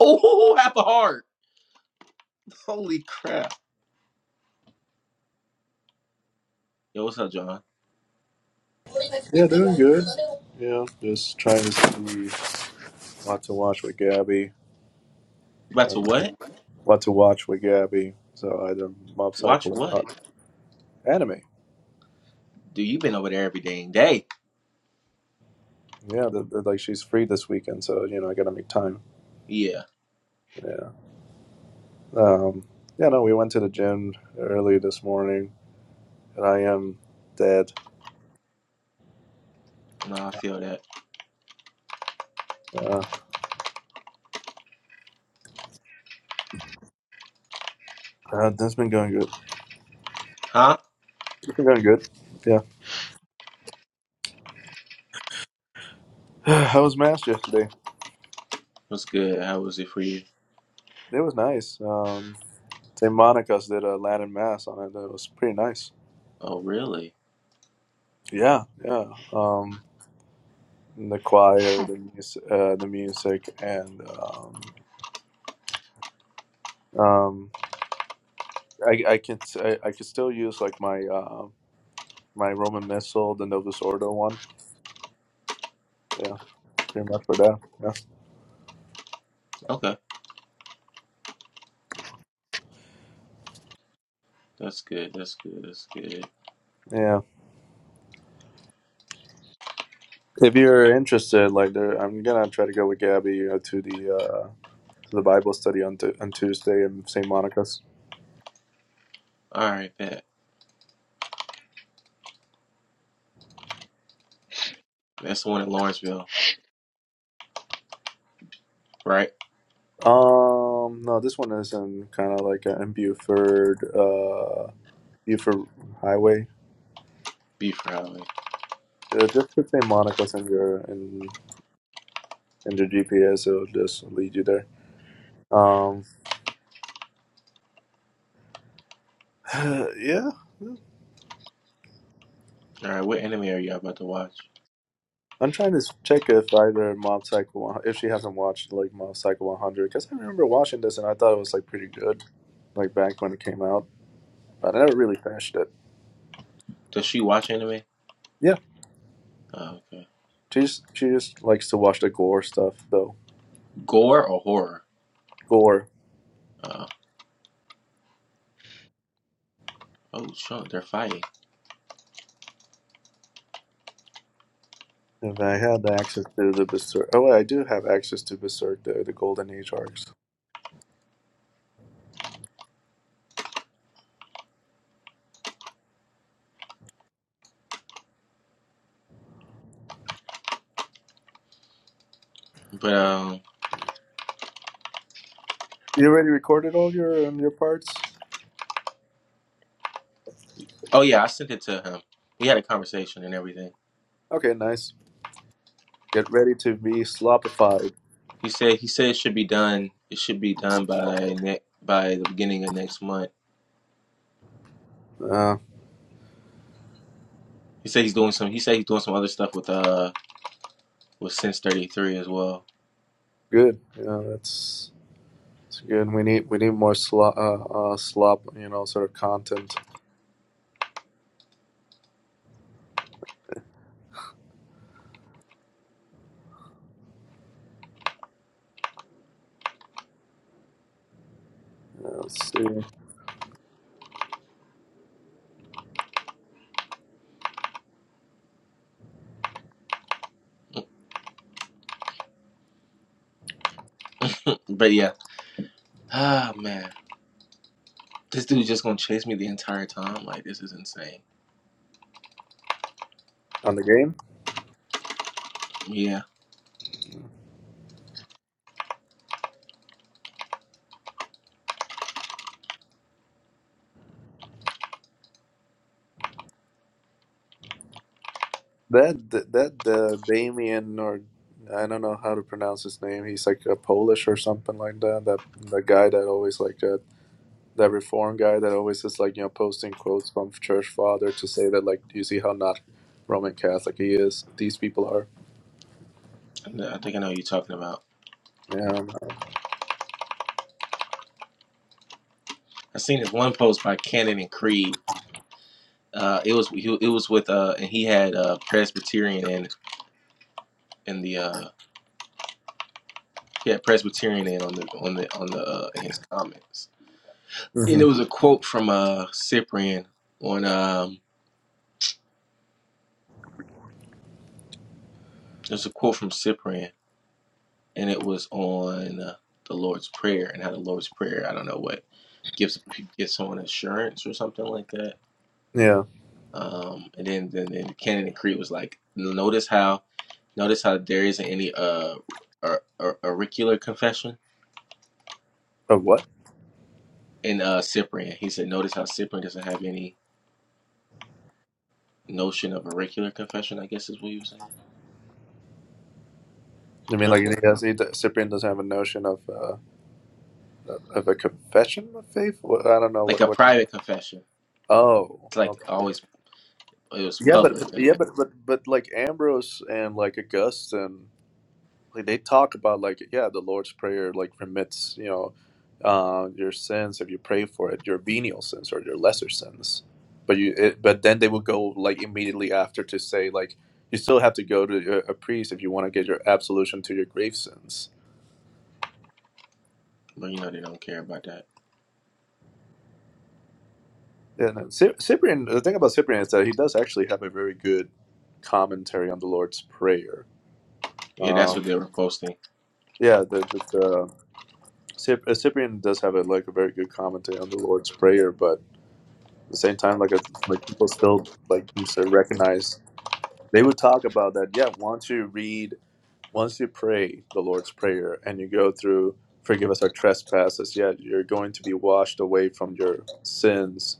Oh, half a heart. Holy crap. Yo, what's up, John? Yeah, doing good. Yeah, just trying to see what to watch with Gabby. You about So to I'm what? trying- what to watch with Gabby. So either Mob Watch Psycho or what? not. Anime. Dude, you been over there every dang day. Yeah, the, the, like she's free this weekend, so you know I gotta make time. Yeah. Yeah. Um. Yeah. No, we went to the gym early this morning, and I am dead. No, I feel that. Uh, uh, that's been going good. Huh? It's been going good. Yeah. How was Mass yesterday? What's good? How was it for you? It was nice. Um, St. Monica's did a Latin Mass on it. It was pretty nice. Oh, really? Yeah, yeah. Um, the choir, the music, uh, the music, and um, um, I I can I, I could still use like my uh, my Roman Missal, the Novus Ordo one. Yeah, pretty much for that. Yeah, Okay. That's good. That's good. That's good. yeah. If you're interested, like there, I'm gonna try to go with Gabby uh, to the uh, to the Bible study on t- on Tuesday in St. Monica's. All right, bet. That's the one in Lawrenceville, right? Um, no, this one is in kind of like uh, in Buford, uh, Buford Highway. Beef Rally. Uh, just put St. Monica's in your in and your GPS will just lead you there. Um, yeah, All right, what anime are y'all about to watch? I'm trying to check if either Mob Psycho 100, if she hasn't watched like Mob Psycho 100 because I remember watching this and I thought it was like pretty good like back when it came out, but I never really finished it. Does she watch anime? Yeah, Oh, okay. she just she just likes to watch the gore stuff though. Gore or horror? Gore. Oh, oh, sure. They're fighting. If I had access to the Berserk, oh wait, I do have access to Berserk, the the Golden Age arcs. But, um, You already recorded all your your parts? oh, yeah, I sent it to him. We had a conversation and everything. Okay, nice. Get ready to be slopified. He said he said it should be done. It should be done by ne- by the beginning of next month. Uh, He said he's doing some. He said he's doing some other stuff with uh with Sense Thirty Three as well. Good. Yeah, that's it's good. We need we need more slop, uh, uh, slop, you know, sort of content. Yeah, let's see But yeah, ah man, this dude just gonna chase me the entire time. Like this is insane. on the game. Yeah, That that uh, Damien or I don't know how to pronounce his name. He's like a Polish or something like that. That the guy that always like uh, that reform guy that always is like you know posting quotes from church father to say that like you see how not Roman Catholic he is. These people are. I think I know what you're talking about. Yeah. I seen this one post by Cannon and Creed. Uh, it was he, it was with uh and he had uh Presbyterian in in the uh he had Presbyterian in on the on the on the uh in his comments. and hmm it was a quote from uh Cyprian on um It was a quote from Cyprian and it was on uh, the Lord's Prayer and how the Lord's Prayer I don't know what gives gives someone assurance or something like that Yeah. um and then then, then the Canon and Creed was like notice how notice how there isn't any uh or, or auricular confession Of what? in uh Cyprian he said notice how Cyprian doesn't have any notion of auricular confession I guess is what he was saying I mean, like he Whatever. has, he, Cyprian doesn't have a notion of. Uh, of a confession of faith. What, I don't know like what a what. private confession Oh, it's like okay. always It was Yeah, but public, I yeah, guess. but but but like Ambrose and like Augustine, like they talk about like yeah, the Lord's Prayer like remits you know uh, your sins if you pray for it, your venial sins or your lesser sins. But you it, but then they will go like immediately after to say like you still have to go to a, a priest if you want to get your absolution to your grave sins But you know they don't care about that. Yeah, no. Cy- Cyprian. The thing about Cyprian is that he does actually have a very good commentary on the Lord's Prayer. Yeah, that's Uh, what they were posting. yeah, the, the, the Cyp- uh, Cyprian does have a like a very good commentary on the Lord's Prayer, but at the same time, like a, like people still like to recognize they would talk about that. Yeah, once you read, once you pray the Lord's Prayer, and you go through, forgive us our trespasses. Yeah, you're going to be washed away from your sins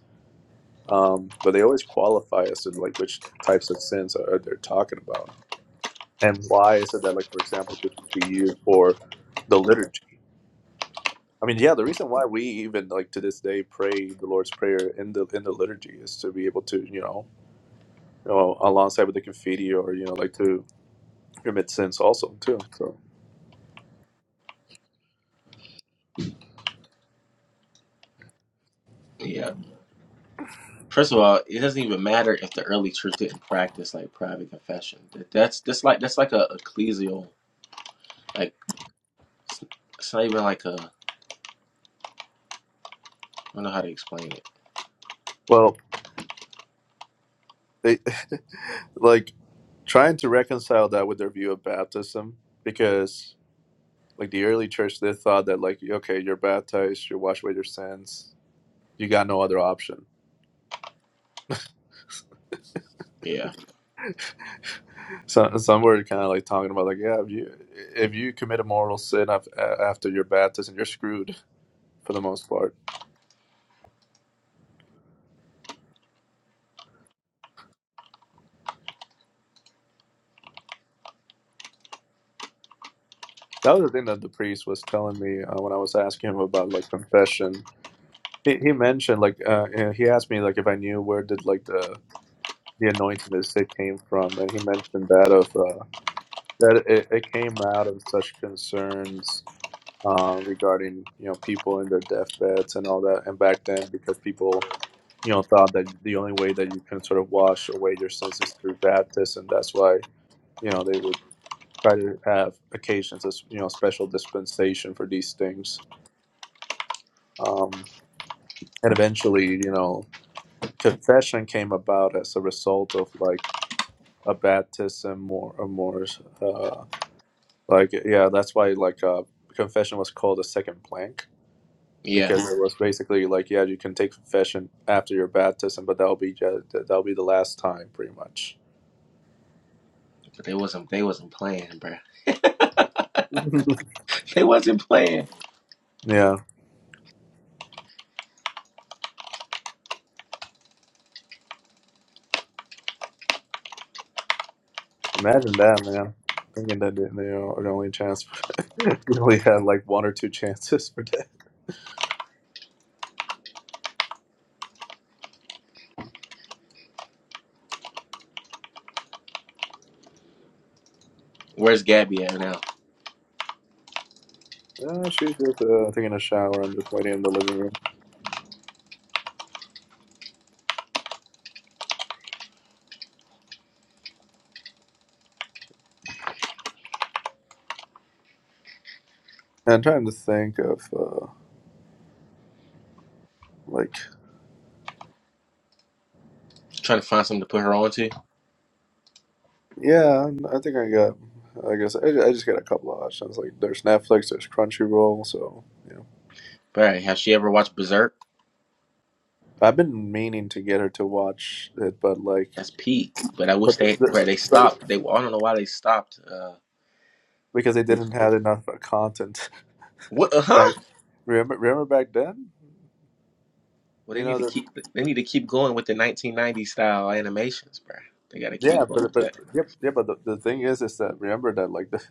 Um, but they always qualify as to like which types of sins are they're talking about and why is it that like for example this would be used for the liturgy. I mean, yeah, the reason why we even like to this day pray the Lord's Prayer in the in the liturgy is to be able to you know, you know alongside with the confetti or you know like to commit sins also too. So Yeah. First of all, it doesn't even matter if the early church didn't practice like private confession. That- That's that's like that's like a ecclesial like it's it's not even like a I don't know how to explain it. well, they like trying to reconcile that with their view of baptism because Like the early church, they thought that like, okay, you're baptized, you're washed away your sins, you got no other option. Yeah, So some were kind of like talking about like, yeah, if you if you commit a mortal sin after your baptism, you're screwed for the most part. That was the thing that the priest was telling me uh, when I was asking him about like confession. He, he mentioned like uh, uh, he asked me like if I knew where did like the the anointing of the sick came from, and he mentioned that of uh, that it, it came out of such concerns uh, regarding you know people and their deathbeds and all that. And back then, because people you know thought that the only way that you can sort of wash away your sins is through baptism, that's why you know they would try to have occasions as you know special dispensation for these things. Um, and eventually, you know, confession came about as a result of like a baptism or a more uh, like yeah, that's why like uh, confession was called a second plank yeah. because it was basically like, yeah, you can take confession after your baptism, but that'll be ju- that'll be the last time, pretty much. They wasn't they wasn't playing, bruh. They wasn't playing. yeah, imagine that, man. Thinking that they they are the only chance, we only had like one or two chances for that. Where's Gabby at now? Uh, she's just uh, taking a shower and just waiting in the living room. And I'm trying to think of uh, like, Trying to find something to put her on to. yeah, I think I got. I guess I, I just got a couple of options. Like, there's Netflix, there's Crunchyroll, so you know. Bruh, has she ever watched Berserk? I've been meaning to get her to watch it, but like That's peak. But I But wish they bruh, the, they but stopped. They I don't know why they stopped. Uh, because they didn't have enough content what? Uh huh. back. Remember, remember back then. Well, You they need know to the keep they need to keep going with the 1990s style animations, bro. They got to Yeah, keep going with but but that. yep, yeah, but the, the thing is, is that remember that like the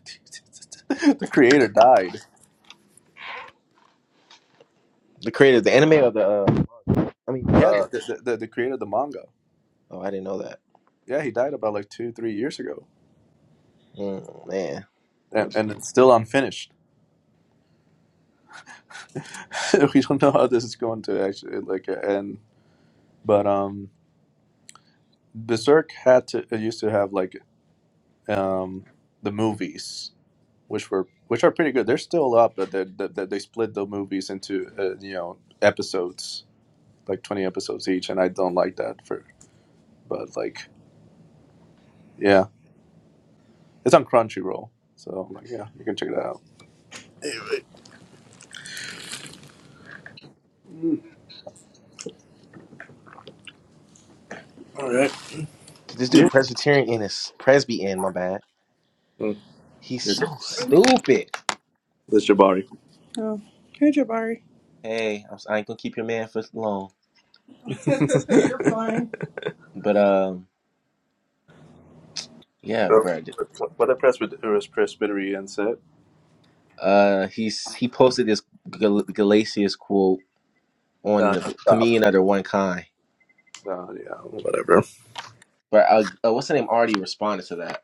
the creator died. The creator, the anime or the uh, I mean Yeah, the uh, the, the the creator of the manga. oh I didn't know that. Yeah, he died about like two three years ago, Mm, man, and, What- and it's still unfinished. we don't know how this is going to actually like end. But um, Berserk had to it used to have like um the movies which were which are pretty good. They're still up, but they they, they split the movies into uh, you know episodes, like twenty episodes each, and I don't like that. For but like yeah, it's on Crunchyroll, so I'm like yeah, you can check that out. this dude Yeah, Presbyterian in his Presbyan, my bad. He's so stupid. that's Jabari. Oh, hey Jabari, Hey, I'm, si ain't gonna keep your man for long, you're fine. but um, yeah, So, bro. what what the presbyter- Presbyterian said. Uh, he's he posted this Gal- Galatius quote on Uh, the stop. comedian of the one kind. Uh, yeah, whatever. But uh, uh, what's the name? Already responded to that.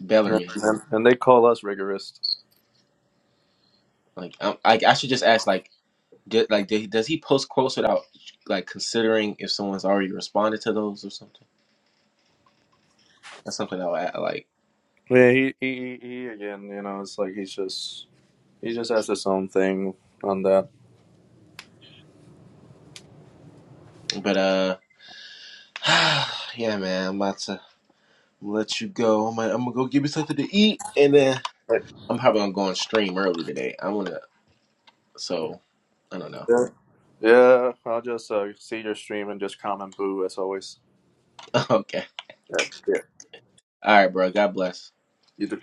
Bellarmine. And, and they call us rigorist. Like, I, I, I should just ask, like, did, like, did, does he post quotes without like considering if someone's already responded to those or something? That's something I'll add, like. Yeah, he, he, he, he again, you know, it's like he's just He just has his own thing on that. But uh, yeah, man, I'm about to let you go. I'm gonna, I'm gonna go give me something to eat, and then Right. I'm probably gonna go on stream early today. I'm gonna, so I don't know. Yeah, Yeah, I'll just uh, see your stream and just comment boo as always. okay, Yeah, yeah. all right, bro. God bless. You do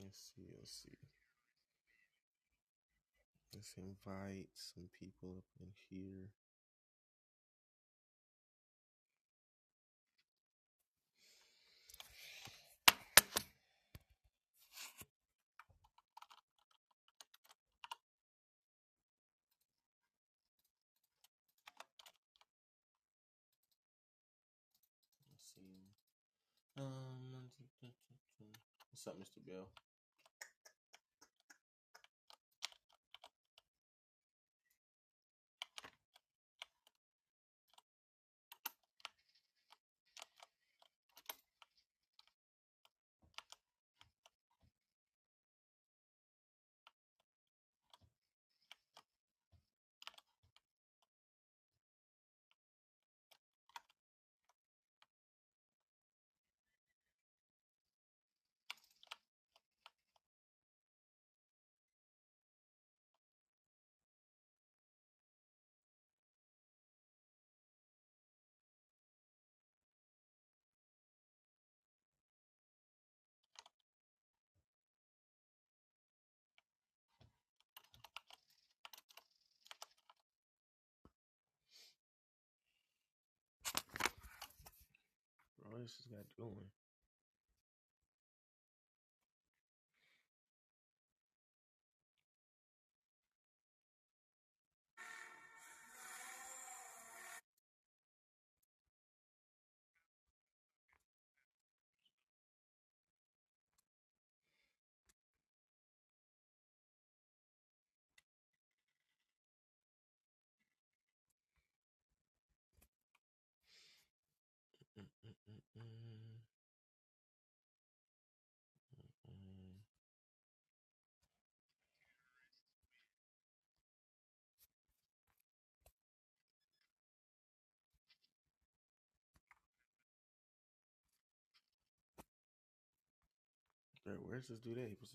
Let's see, let's see. Let's invite some people up in here. Let's see. Um, what's up, Mr. Bill? Bro, this is got doing. Mm, mm, mm, mm. Mm. where's this dude at? He supposed